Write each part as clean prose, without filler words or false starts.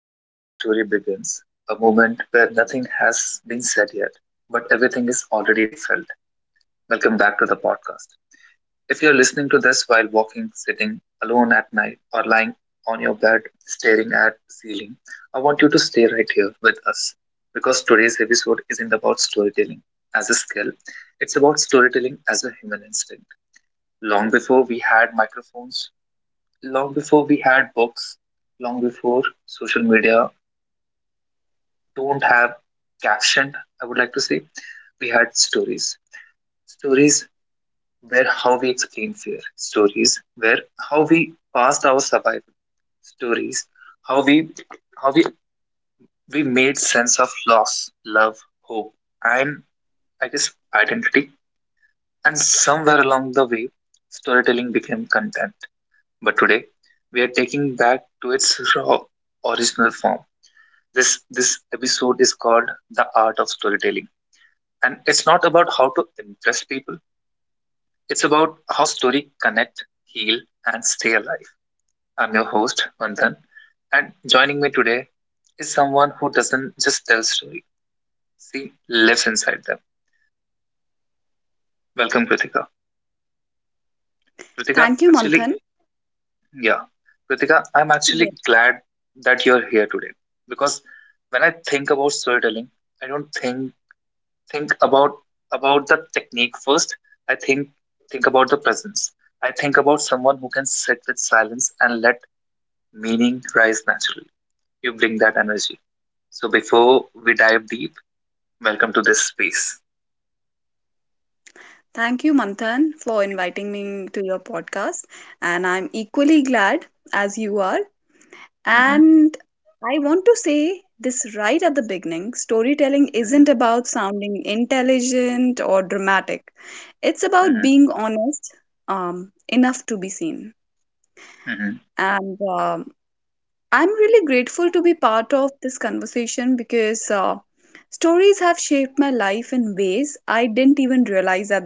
before every story begins, a moment where nothing has been said yet, but everything is already felt. Welcome back to the podcast. If you're listening to this while walking, sitting alone at night, or lying on your bed staring at the ceiling, I want you to stay right here with us because today's episode isn't about storytelling as a skill. It's about storytelling as a human instinct. Long before we had microphones, long before we had books, long before social media don't have captioned, I would like to say. We had stories. Stories were how we explain fear. Stories were how we passed our survival. Stories how we how we made sense of loss, love, hope, and I guess identity. And somewhere along the way, storytelling became content. But today, we are taking that to its raw original form. This episode is called the art of storytelling. And it's not about how to impress people, it's about how story connect, heal, and stay alive. I'm your host, Vandhan, and joining me today is someone who doesn't just tell story. She lives inside them. Welcome, Kritika. Kritika, Thank you, actually, Manthan. yeah. Kritika, I'm actually Yes. glad that you're here today because when I think about storytelling, I don't think about the technique first. I think about the presence. I think about someone who can sit with silence and let meaning rise naturally. You bring that energy. So before we dive deep, welcome to this space. Thank you, Manthan, for inviting me to your podcast. And I'm equally glad as you are. Mhm. And I want to say this right at the beginning storytelling Mhm. isn't about sounding intelligent or dramatic, it's about Mhm. being honest enough to be seen. Mhm. And I'm really grateful to be part of this conversation because stories have shaped my life in ways I didn't even realize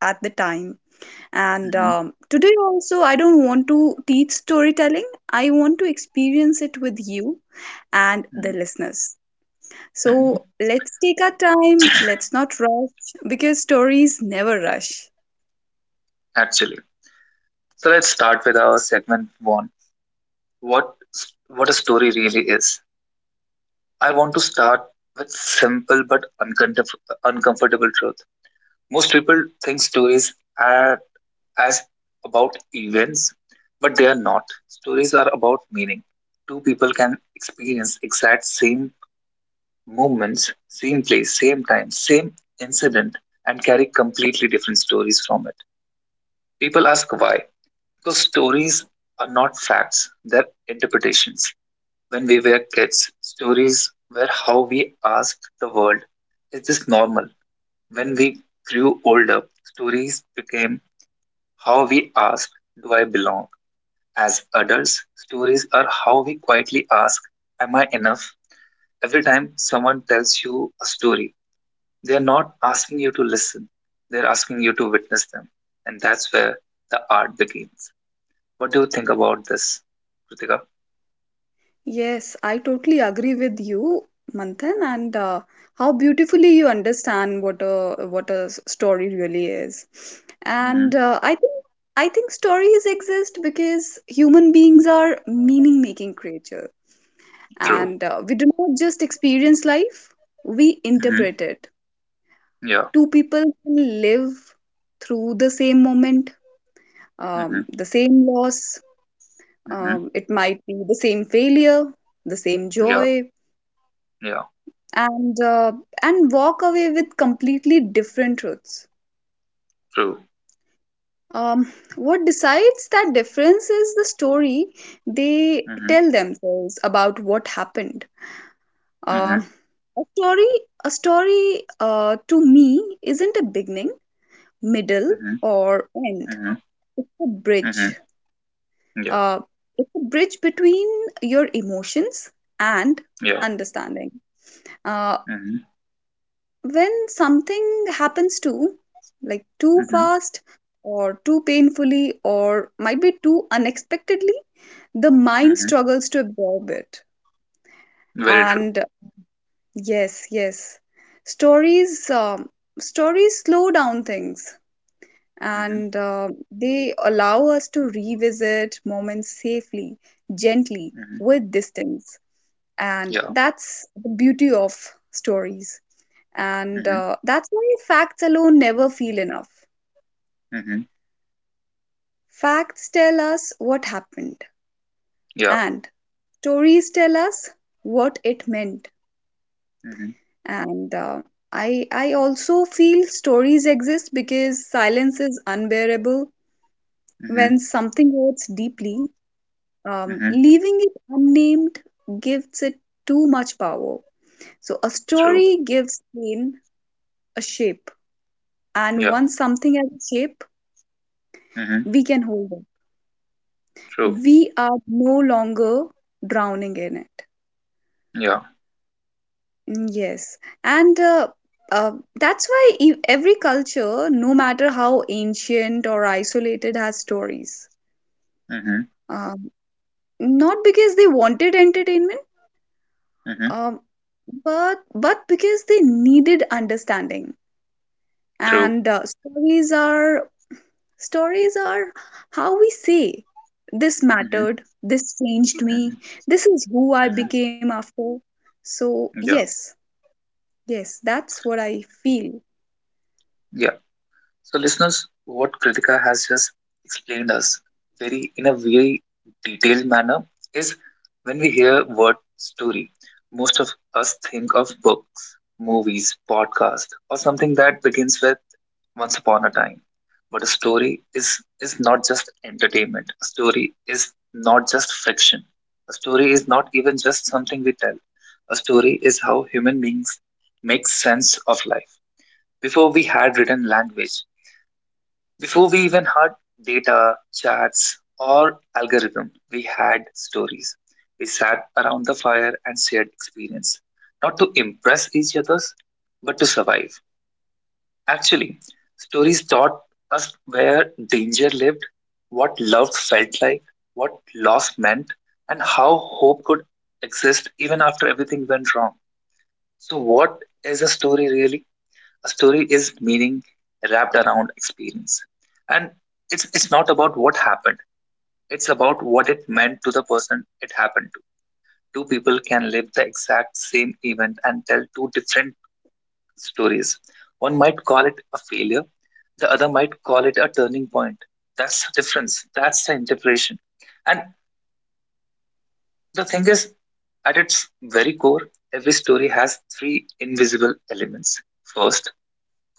at the time. And Mhm. Today, also, I don't want to teach storytelling, I want to experience it with you and the Mhm. listeners. Mhm. So let's take our time, let's not rush because stories never rush. Actually, so let's start with our segment one. What what a story really is. I want to start with simple but uncomfortable truth. Most people think stories are as about events, but they are not. Stories are about meaning. Two people can experience exact same moments, same place, same time, same incident, and carry completely different stories from it. People ask why. Because stories are not facts, they're interpretations. When we were kids, stories were how we asked the world, is this normal? When we grew older, stories became how we asked, do I belong? As adults, stories are how we quietly ask, am I enough? Every time someone tells you a story, they are not asking you to listen, they're asking you to witness them. And that's where the art begins. What do you think about this, Kritika? Yes, I totally agree with you, Manthan, and how beautifully you understand what a story really is. Hmm. And I think stories exist because human beings are meaning-making creatures, True. and we do not just experience life, we Hmm. interpret it. Yeah. Two people can live through the same moment, Hmm. The same loss. Hmm. It might be the same failure, the same Yeah. joy, Yeah. and uh, and walk away with completely different truths, True. um, what decides that difference is the story they Hmm. tell themselves about what happened. uh, Hmm. a story a story uh, to me isn't a beginning, middle Hmm. or end. Hmm. It's a Hmm. bridge. Yeah. Uh, it's a bridge between your emotions and Yeah. understanding. uh, Hmm. when something happens too, too Hmm. fast or too painfully or might be too unexpectedly, the mind Hmm. struggles to absorb it. Very true. And uh, yes yes stories, stories slow down things, Hmm. and they allow us to revisit moments safely, gently, Hmm. with distance. And Yeah. that's the beauty of stories. And Hmm. That's why facts alone never feel enough. Hmm. Facts tell us what happened, Yeah. and stories tell us what it meant. Mhm. And I also feel stories exist because silence is unbearable when Mhm. something hurts deeply. Mhm. Leaving it unnamed gives it too much power. So a True. story gives pain a shape, and Yeah. once something has a shape, Mhm. we can hold it. True. We are no longer drowning in it. Yeah. Mm. Yes, and uh, that's why every culture, no matter how ancient or isolated, has stories. Mhm. Um, not because they wanted entertainment, Mhm. um, but because they needed understanding. True. And stories are how we say this Mhm. mattered, this changed Mhm. me, this is who I Mhm. became after. So Yeah. yes, yes, that's what I feel. Yeah. So, listeners, what Kritika has just explained us very in a very detailed manner is when we hear word story, most of us think of books, movies, podcast, or something that begins with once upon a time. But a story is not just entertainment. A story is not just fiction. A story is not even just something we tell. A story is how human beings make sense of life. Before we had written language, before we even had data, charts or algorithm, we had stories. We sat around the fire and shared experience, not to impress each other, but to survive. Actually, stories taught us where danger lived, what love felt like, what loss meant, and how hope could exist even after everything went wrong. So, what is a story really? A story is meaning wrapped around experience. And it's not about what happened, it's about what it meant to the person it happened to. Two people can live the exact same event and tell two different stories. One might call it a failure, the other might call it a turning point. That's the difference, that's the interpretation. And the thing is, at its very core, every story has three invisible elements. First,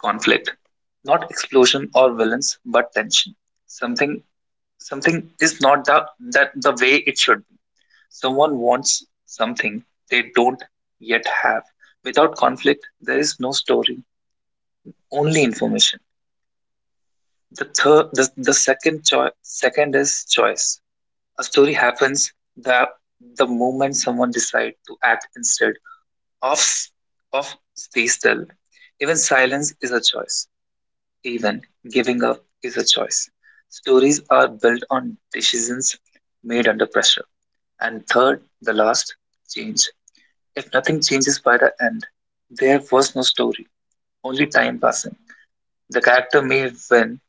conflict, not explosion or violence but tension. Something something is not the way it should be. Someone wants something they don't yet have. Without conflict there is no story, only information. The third the, the second choice second is choice. A story happens the the moment someone decide to act instead of of stay still. Even silence is a choice. Even giving up is a choice. Stories are built on decisions made under pressure. And third, the last, change. If nothing changes by the end, there was no story, only time passing. The character may win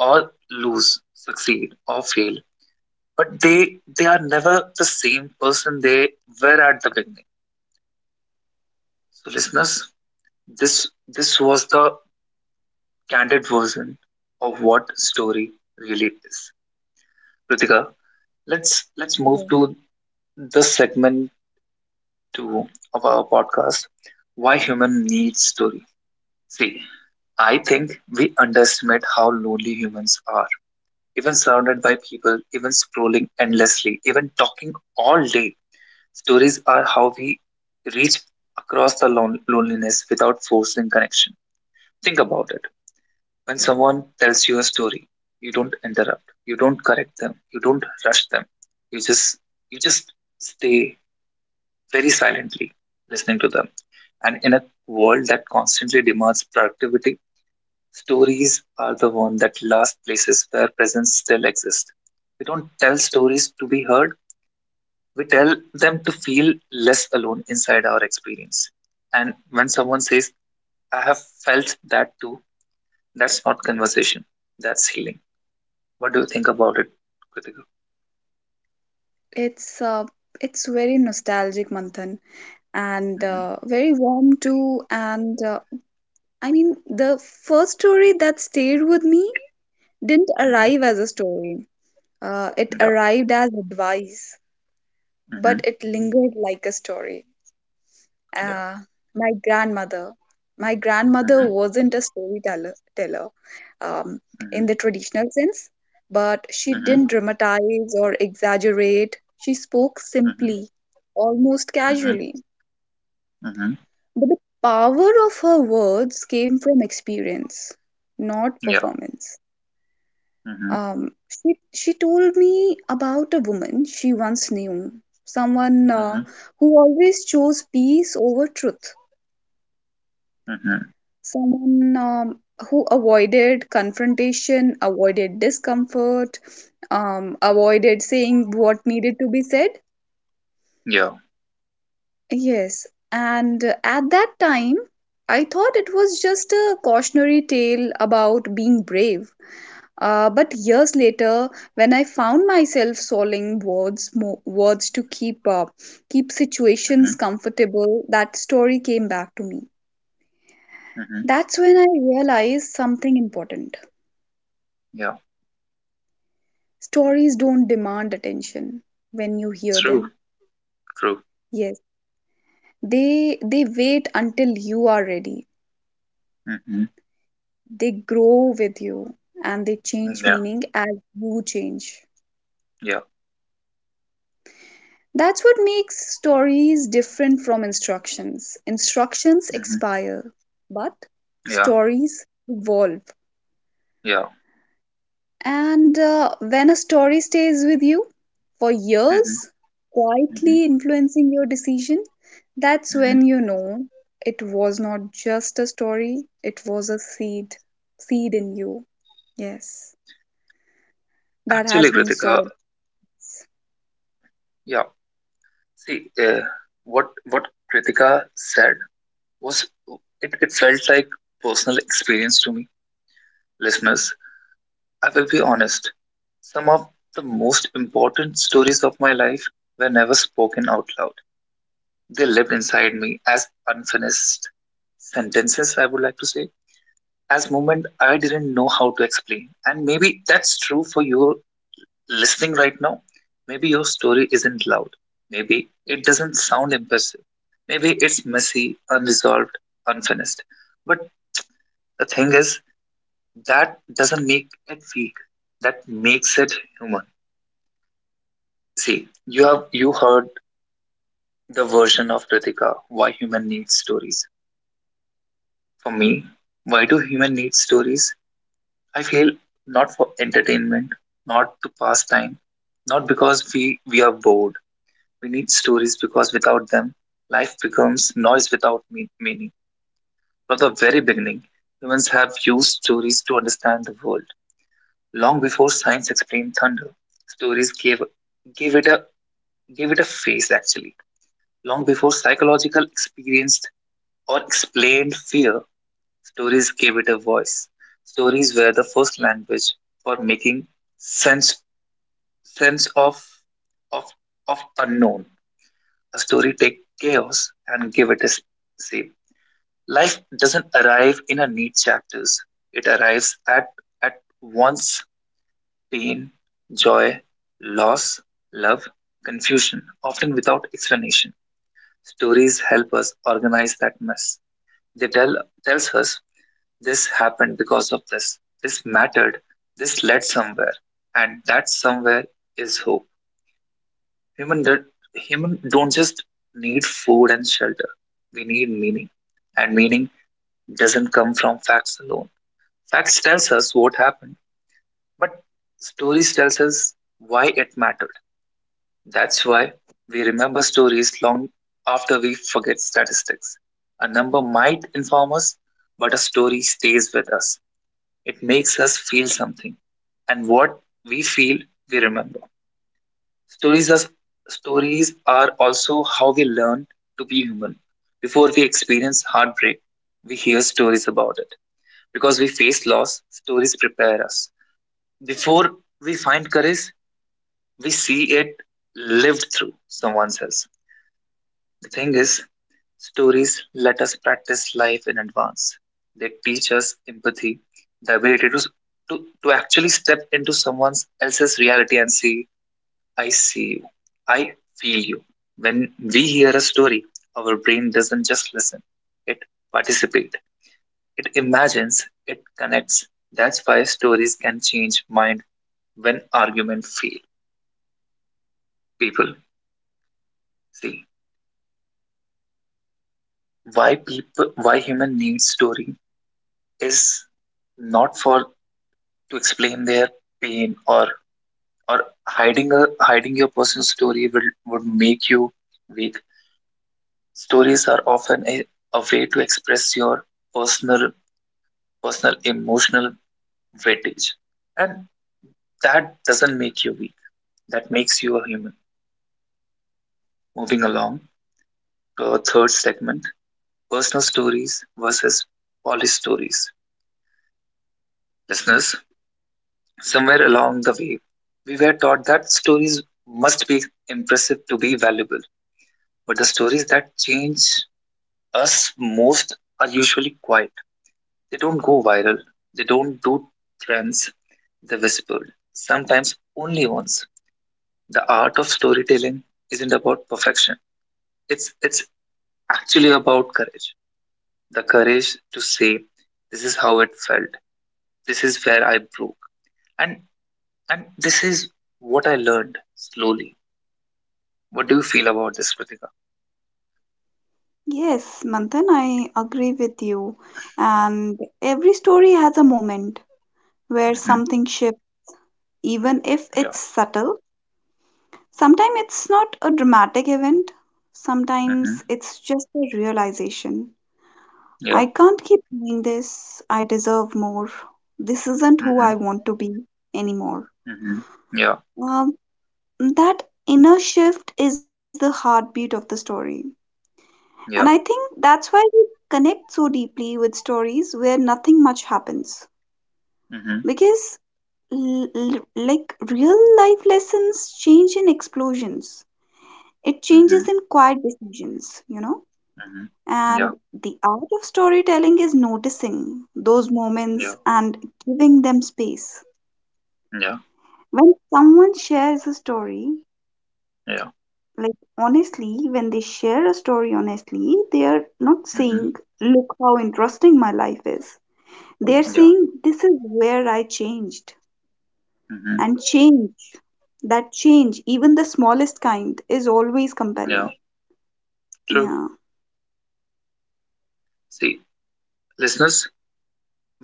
or lose, succeed or fail, but they are never the same person they were at the beginning. So listeners, this was the candid version of what story really is. Pritika, let's move Yeah. to this segment two of our podcast. Why human needs story. See, I think we underestimate how lonely humans are, even surrounded by people, even scrolling endlessly, even talking all day. Stories are how we reach across the loneliness without forcing connection. Think about it. When someone tells you a story, you don't interrupt, you don't correct them, you don't rush them, you just you just stay very silently listening to them. And in a world that constantly demands productivity, stories are the one that last places where presence still exists. We don't tell stories to be heard, we tell them to feel less alone inside our experience. And when someone says, I have felt that too, that's not conversation, that's healing. What do you think about it, Kritika? It's uh, it's very nostalgic, Manthan, and Mm-hmm. Very warm too. And I mean, the first story that stayed with me didn't Mm-hmm. arrive as a story. It Yeah. arrived as advice, Mm-hmm. but it lingered like a story. Yeah. Uh, my grandmother. My grandmother Mm-hmm. wasn't a storyteller teller, um, Mm-hmm. in the traditional sense, but she didn't dramatize or exaggerate. She spoke Mm-hmm. simply, almost Mm-hmm. casually. Mm-hmm. But the power of her words came from experience, not Yeah. performance. Mhm. She told me about a woman she once knew, someone Mm-hmm. who always chose peace over truth. Mm-hmm. Someone, who avoided confrontation, avoided discomfort, avoided saying what needed to be said. Yeah. Yes, and at that time, I thought it was just a cautionary tale about being brave. But years later, when I found myself solving words to keep up, keep situations Mm-hmm. comfortable, that story came back to me. Mm-hmm. That's when I realized something important. Yeah. Stories don't demand attention when you hear True. them. True. Yes, they wait until you are ready, Mm-hmm. they grow with you, and they Mm, change yeah. meaning as you change. Yeah. That's what makes stories different from instructions. Instructions Mm-hmm. expire, but Yeah. stories evolve. Yeah. And when a story stays with you for Mm-hmm. years, Mm-hmm. quietly influencing your decision, that's Mm-hmm. when you know it was not just a story, it was a seed, seed in you. Yes, that Actually, has been Kritika. sown. Yeah. See, what Kritika said was it felt like personal experience to me, listeners. I will be honest. Some of the most important stories of my life were never spoken out loud. They lived inside me as unfinished sentences, I would like to say as moment I didn't know how to explain. And maybe that's true for you listening right now. Maybe your story isn't loud. Maybe it doesn't sound impressive. Maybe it's messy, unresolved, unfinished. But the thing is, that doesn't make it weak. That makes it human. See, you heard the version of Ritika, why human needs stories. For me, why do human need stories? I feel not for entertainment, not to pass time, not because we are bored. We need stories because without them, life becomes noise without meaning. From the very beginning, humans have used stories to understand the world. Long before science explained thunder, stories gave it a gave it a face actually. Long before psychological experienced or explained fear, stories gave it a voice. Stories were the first language for making sense sense of of of unknown. A story take chaos and give it a shape. Life doesn't arrive in a neat chapters. It arrives at once pain, joy, loss, love, confusion, often without explanation. Stories help us organize that mess. They tells us this happened because of this. This mattered. This led somewhere, and that somewhere is hope. Human that Human don't just need food and shelter. We need meaning, and meaning doesn't come from facts alone. Facts tells us what happened, but stories tells us why it mattered. That's why we remember stories long after we forget statistics. A number might inform us, but a story stays with us. It makes us feel something, and what we feel, we remember. Stories are, stories are also how we learn to be human. Before we experience heartbreak, we hear stories about it. Because we face loss, stories prepare us. Before we find courage, we see it lived through someone else. The thing is, stories let us practice life in advance. They teach us empathy, the ability to actually step into someone else's reality and see I see you. I feel you. When we hear a story, our brain doesn't just listen, it participates, it imagines, it connects. That's why stories can change mind when argument fail. People see why human needs story is not for to explain their pain or hiding your personal story will would make you weak. Stories are often a way to express your personal personal emotional weightage. And that doesn't make you weak, that makes you a human. Moving along to our third segment, personal stories versus polished stories. Listeners, somewhere along the way, we were taught that stories must be impressive to be valuable. But the stories that change us most are usually quiet. They don't go viral, they don't do trends, they whispered, sometimes only once. The art of storytelling isn't about perfection. It's actually about courage. The courage to say, this is how it felt. This is where I broke. And and this is what I learned slowly. What do you feel about this, Kritika? Yes, Manthan, I agree with you. And every story has a moment where Mm-hmm. something shifts, even if Yeah. it's subtle. Sometimes it's not a dramatic event, sometimes Mm-hmm. it's just a realization. I Yeah. can't keep doing this, I deserve more. This isn't who I Mm-hmm. want to be anymore. Mm-hmm. Yeah. Um, that inner shift is the heartbeat of the story. And I think Yeah. that's why we connect so deeply with stories where nothing much happens. Mm-hmm. Because, like, real life lessons change in explosions, it Mm-hmm. changes in quiet decisions, you know? Mm-hmm. Yeah. And the art of storytelling is noticing those moments Yeah. and giving them space. Yeah. When someone shares a story, Yeah. like honestly, when they share a story honestly, they are not Mm-hmm. saying, look how interesting my life is. They are Yeah. saying, this is where I changed. Mm-hmm. And change, that change, even the smallest kind, is always Yeah. compelling. True. Yeah. See, listeners,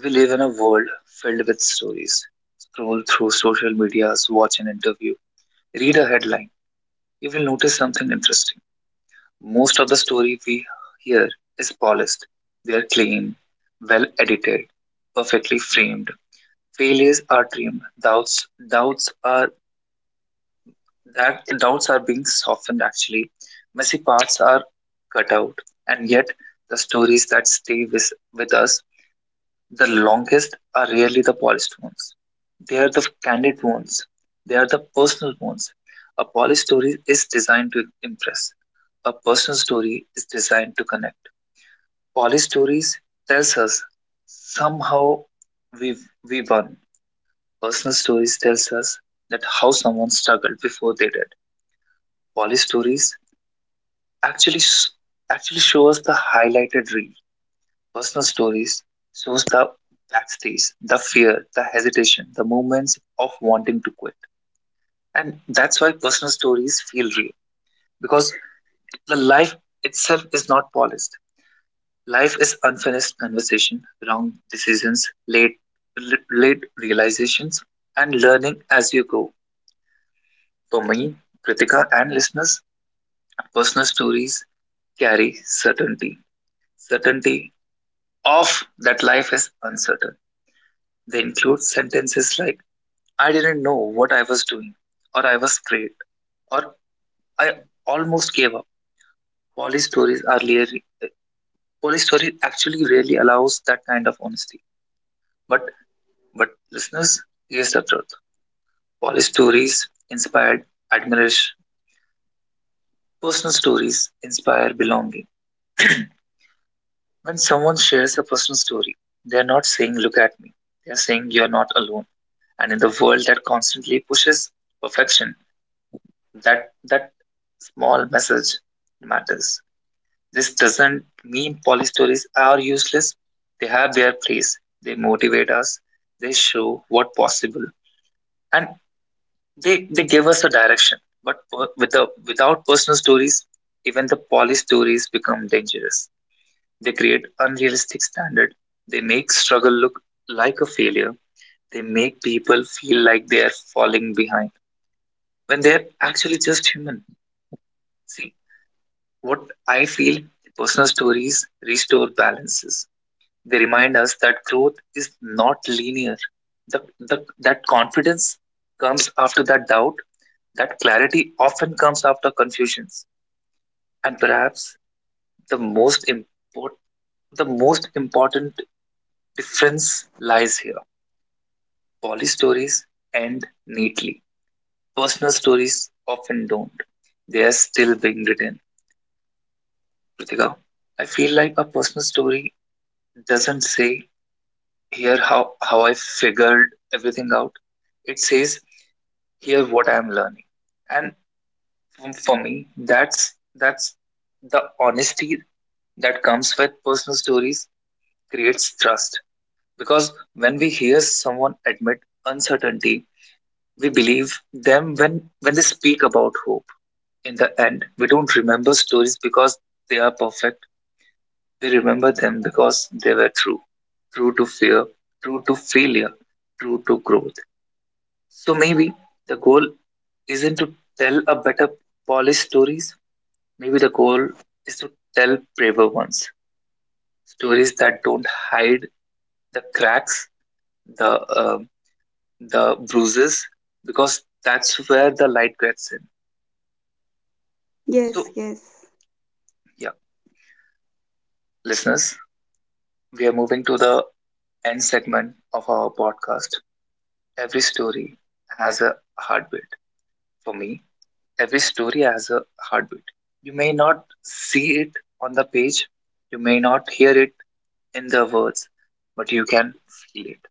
we live in a world filled with stories. Scroll through social medias, watch an interview, read a headline. You will notice something interesting. Most of the story we hear is polished. They are clean, well edited, perfectly framed. Failures are trimmed. Doubts are being softened. Actually, messy parts are cut out, and yet the stories that stay with us the longest are really the polished ones. They are the candid ones. They are the personal ones. A polished story is designed to impress. A personal story is designed to connect. Polished stories tells us somehow we we won. Personal stories tells us that how someone struggled before they did. Polished stories actually sh- actually show us the highlighted reel. Personal stories shows the backstage, the fear, the hesitation, the moments of wanting to quit. And that's why personal stories feel real because the life itself is not polished. Life is unfinished conversation, wrong decisions, late realizations, and learning as you go. For me, Kritika, and listeners, personal stories carry certainty. Certainty of that life is uncertain. They include sentences like I didn't know what I was doing, or I was afraid, or I almost gave up. Police stories are really, Police story actually really allows that kind of honesty. But but listeners, here's the truth: police stories inspired admiration. Personal stories inspire belonging. When someone shares a personal story, they are not saying "Look at me." They are saying "You're not alone." And in the world that constantly pushes perfection, that small message matters. This doesn't mean poly stories are useless. They have their place. They motivate us. They show what possible, and they give us a direction. But without personal stories, even the poly stories become dangerous. They create unrealistic standards. They make struggle look like a failure. They make people feel like they are falling behind when they're actually just human. See, what I feel personal stories restore balances. They remind us that growth is not linear. That confidence comes after that doubt, that clarity often comes after confusions. And perhaps the most, import, the most important difference lies here. Poly stories end neatly, personal stories often don't. They are still being written. Ritika, I feel like a personal story doesn't say here how I figured everything out. It says here's what I'm learning, and for me that's that's the honesty that comes with personal stories creates trust, because when we hear someone admit uncertainty we believe them when they speak about hope. In the end we don't remember stories because they are perfect, we remember them because they were true, true to fear, true to failure, true to growth. So maybe the goal isn't to tell a better polished stories. Maybe the goal is to tell braver ones, stories that don't hide the cracks, the um the bruises, because that's where the light gets in. Yes, So yes, yeah, listeners, we are moving to the end segment of our podcast. Every story has a heartbeat. For me, every story has a heartbeat. You may not see it on the page, you may not hear it in the words, but you can feel it.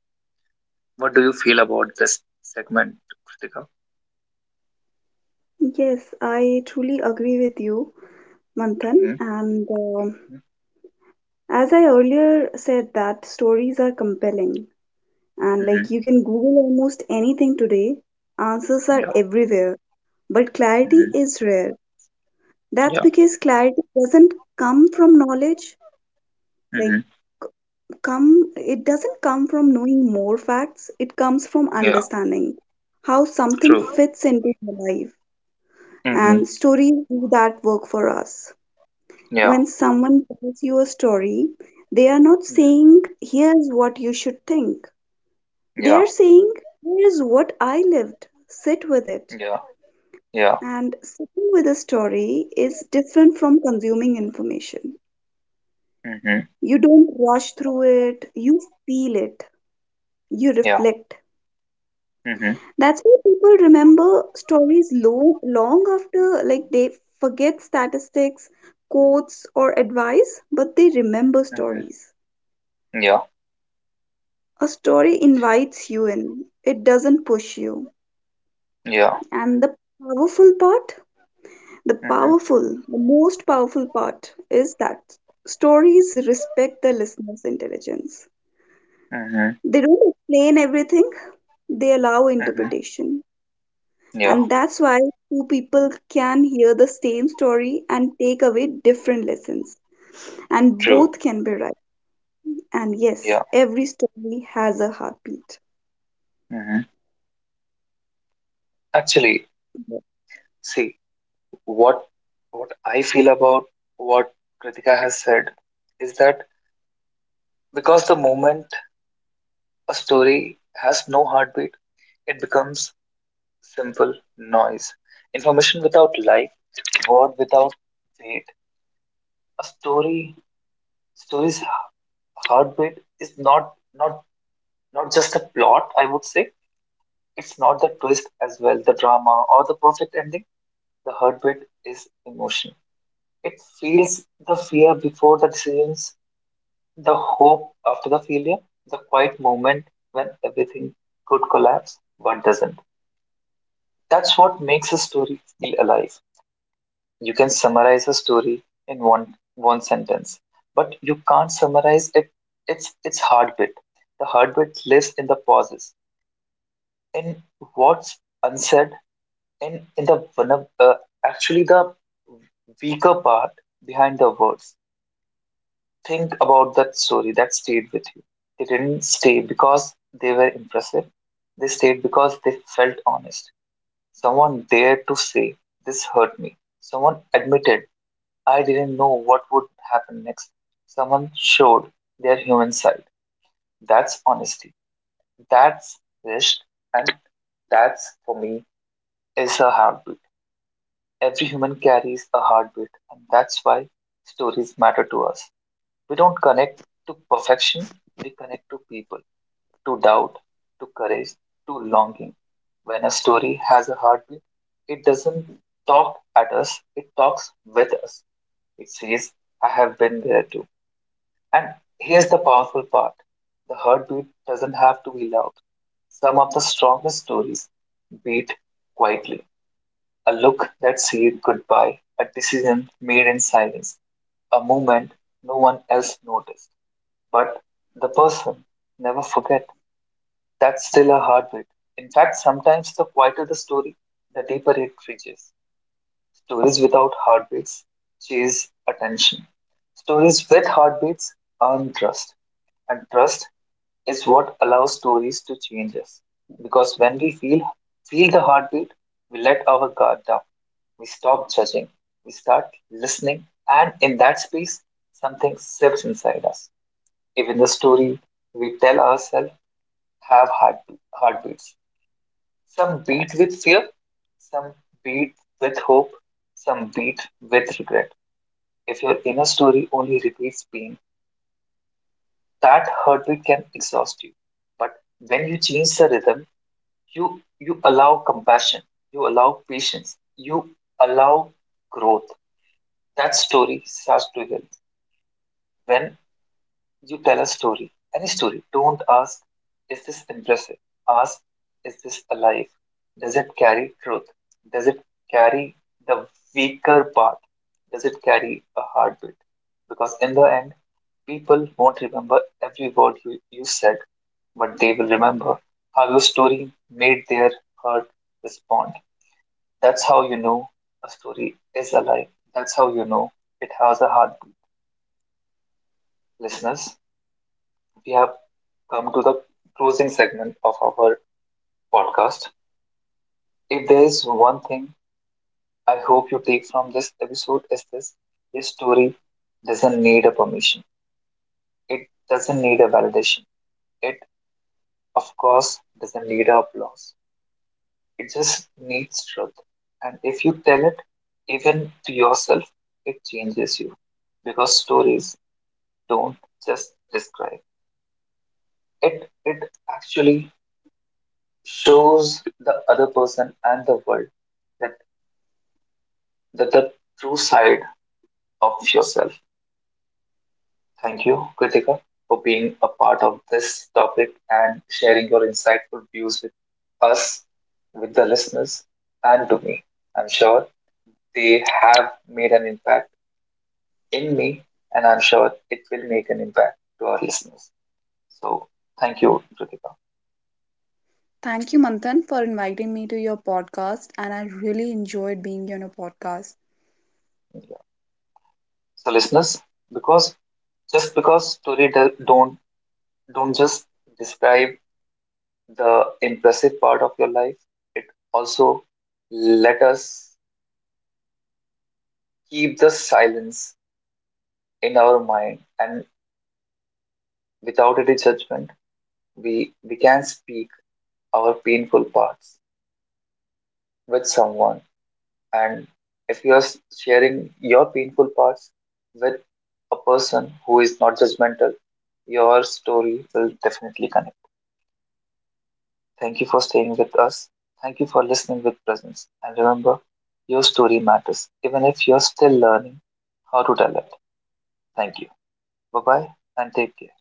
What do you feel about this segment, Kritika? yes, I truly agree with you, Manthan. Mm-hmm. And as I earlier said, that stories are compelling, and like Mm-hmm. you can Google almost anything today, answers are Yeah. everywhere, but clarity Mm-hmm. is rare. That's Yeah. because clarity doesn't come from knowledge, Mm-hmm. like come it doesn't come from knowing more facts. It comes from Yeah. understanding how something True. fits into your life, Mm-hmm. and stories do that work for us. Yeah. When someone tells you a story they are not Mm-hmm. saying here's what you should think, they Yeah. are saying here's what I lived, sit with it. Yeah. Yeah. And sitting with a story is different from consuming information. Mm-hmm. You don't rush through it, you feel it, you Yeah. reflect. Mm-hmm. That's why people remember stories long, long after like they forget statistics, quotes or advice, but they remember Mm-hmm. stories. Yeah. A story invites you in. It doesn't push you. Yeah. And powerful part, the Mm-hmm. powerful, the most powerful part is that stories respect the listener's intelligence. Mm-hmm. They don't explain everything, they allow Mm-hmm. interpretation. Yeah. And that's why two people can hear the same story and take away different lessons. And True. both can be right. And yes, Yeah. every story has a heartbeat. Mm-hmm. Actually, see, what what I feel about what Kritika has said is that because the moment a story has no heartbeat, it becomes simple noise. Information without life, word without weight. A story's heartbeat is not just a plot, I would say. It's not the twist as well, the drama or the perfect ending. The heartbeat is emotion. It feels the fear before the decisions, the hope after the failure, the quiet moment when everything could collapse but doesn't. That's what makes a story feel alive. You can summarize a story in one sentence, but you can't summarize it its heartbeat. The heartbeat lives in the pauses, in what's unsaid, in the actually the weaker part behind the words. Think about that story that stayed with you. They didn't stay because they were impressive. They stayed because they felt honest. Someone dared to say, this hurt me. Someone admitted, I didn't know what would happen next. Someone showed their human side. That's honesty. That's risk. And that's, for me, is a heartbeat. Every human carries a heartbeat. And that's why stories matter to us. We don't connect to perfection, we connect to people, to doubt, to courage, to longing. When a story has a heartbeat, it doesn't talk at us, it talks with us. It says, I have been there too. And here's the powerful part, the heartbeat doesn't have to be loud. Some of the strongest stories beat quietly. A look that said goodbye, a decision made in silence, a moment no one else noticed. But the person never forget. That's still a heartbeat. In fact, sometimes the quieter the story, the deeper it reaches. Stories without heartbeats chase attention. Stories with heartbeats earn trust. And trust is what allows stories to change us. Because when we feel the heartbeat, we let our guard down. We stop judging. We start listening. And in that space, something slips inside us. Even the story we tell ourselves have heartbeats. Some beat with fear, some beat with hope, some beat with regret. If your inner story only repeats pain, that heartbeat can exhaust you. But when you change the rhythm, you allow compassion, you allow patience, you allow growth. That story starts to heal. When you tell a story, any story. Don't ask, is this impressive? Ask, is this alive? Does it carry truth? Does it carry the weaker part? Does it carry a heartbeat? Because in the end, people won't remember every word you said, but they will remember how your story made their heart respond. That's how you know a story is alive. That's how you know it has a heartbeat. Listeners, we have come to the closing segment of our podcast. If there is one thing I hope you take from this episode is this story doesn't need a permission. It doesn't need a validation. It of course doesn't need a applause. It just needs truth. And if you tell it even to yourself, it changes you. Because stories don't just describe. It actually shows the other person and the world that the true side of yourself. Thank you, Kritika, for being a part of this topic and sharing your insightful views with us, with the listeners, and to me. I'm sure they have made an impact in me, and I'm sure it will make an impact to our listeners. So, thank you, Kritika. Thank you, Manthan, for inviting me to your podcast, and I really enjoyed being on a podcast. So, listeners, because just because don't just describe the impressive part of your life, it also let us keep the silence in our mind and without any judgment, we can speak our painful parts with someone. And if you are sharing your painful parts with a person who is not judgmental, your story will definitely connect. Thank you for staying with us. Thank you for listening with presence. And remember, your story matters, even if you're still learning how to tell it. Thank you. Bye bye and take care.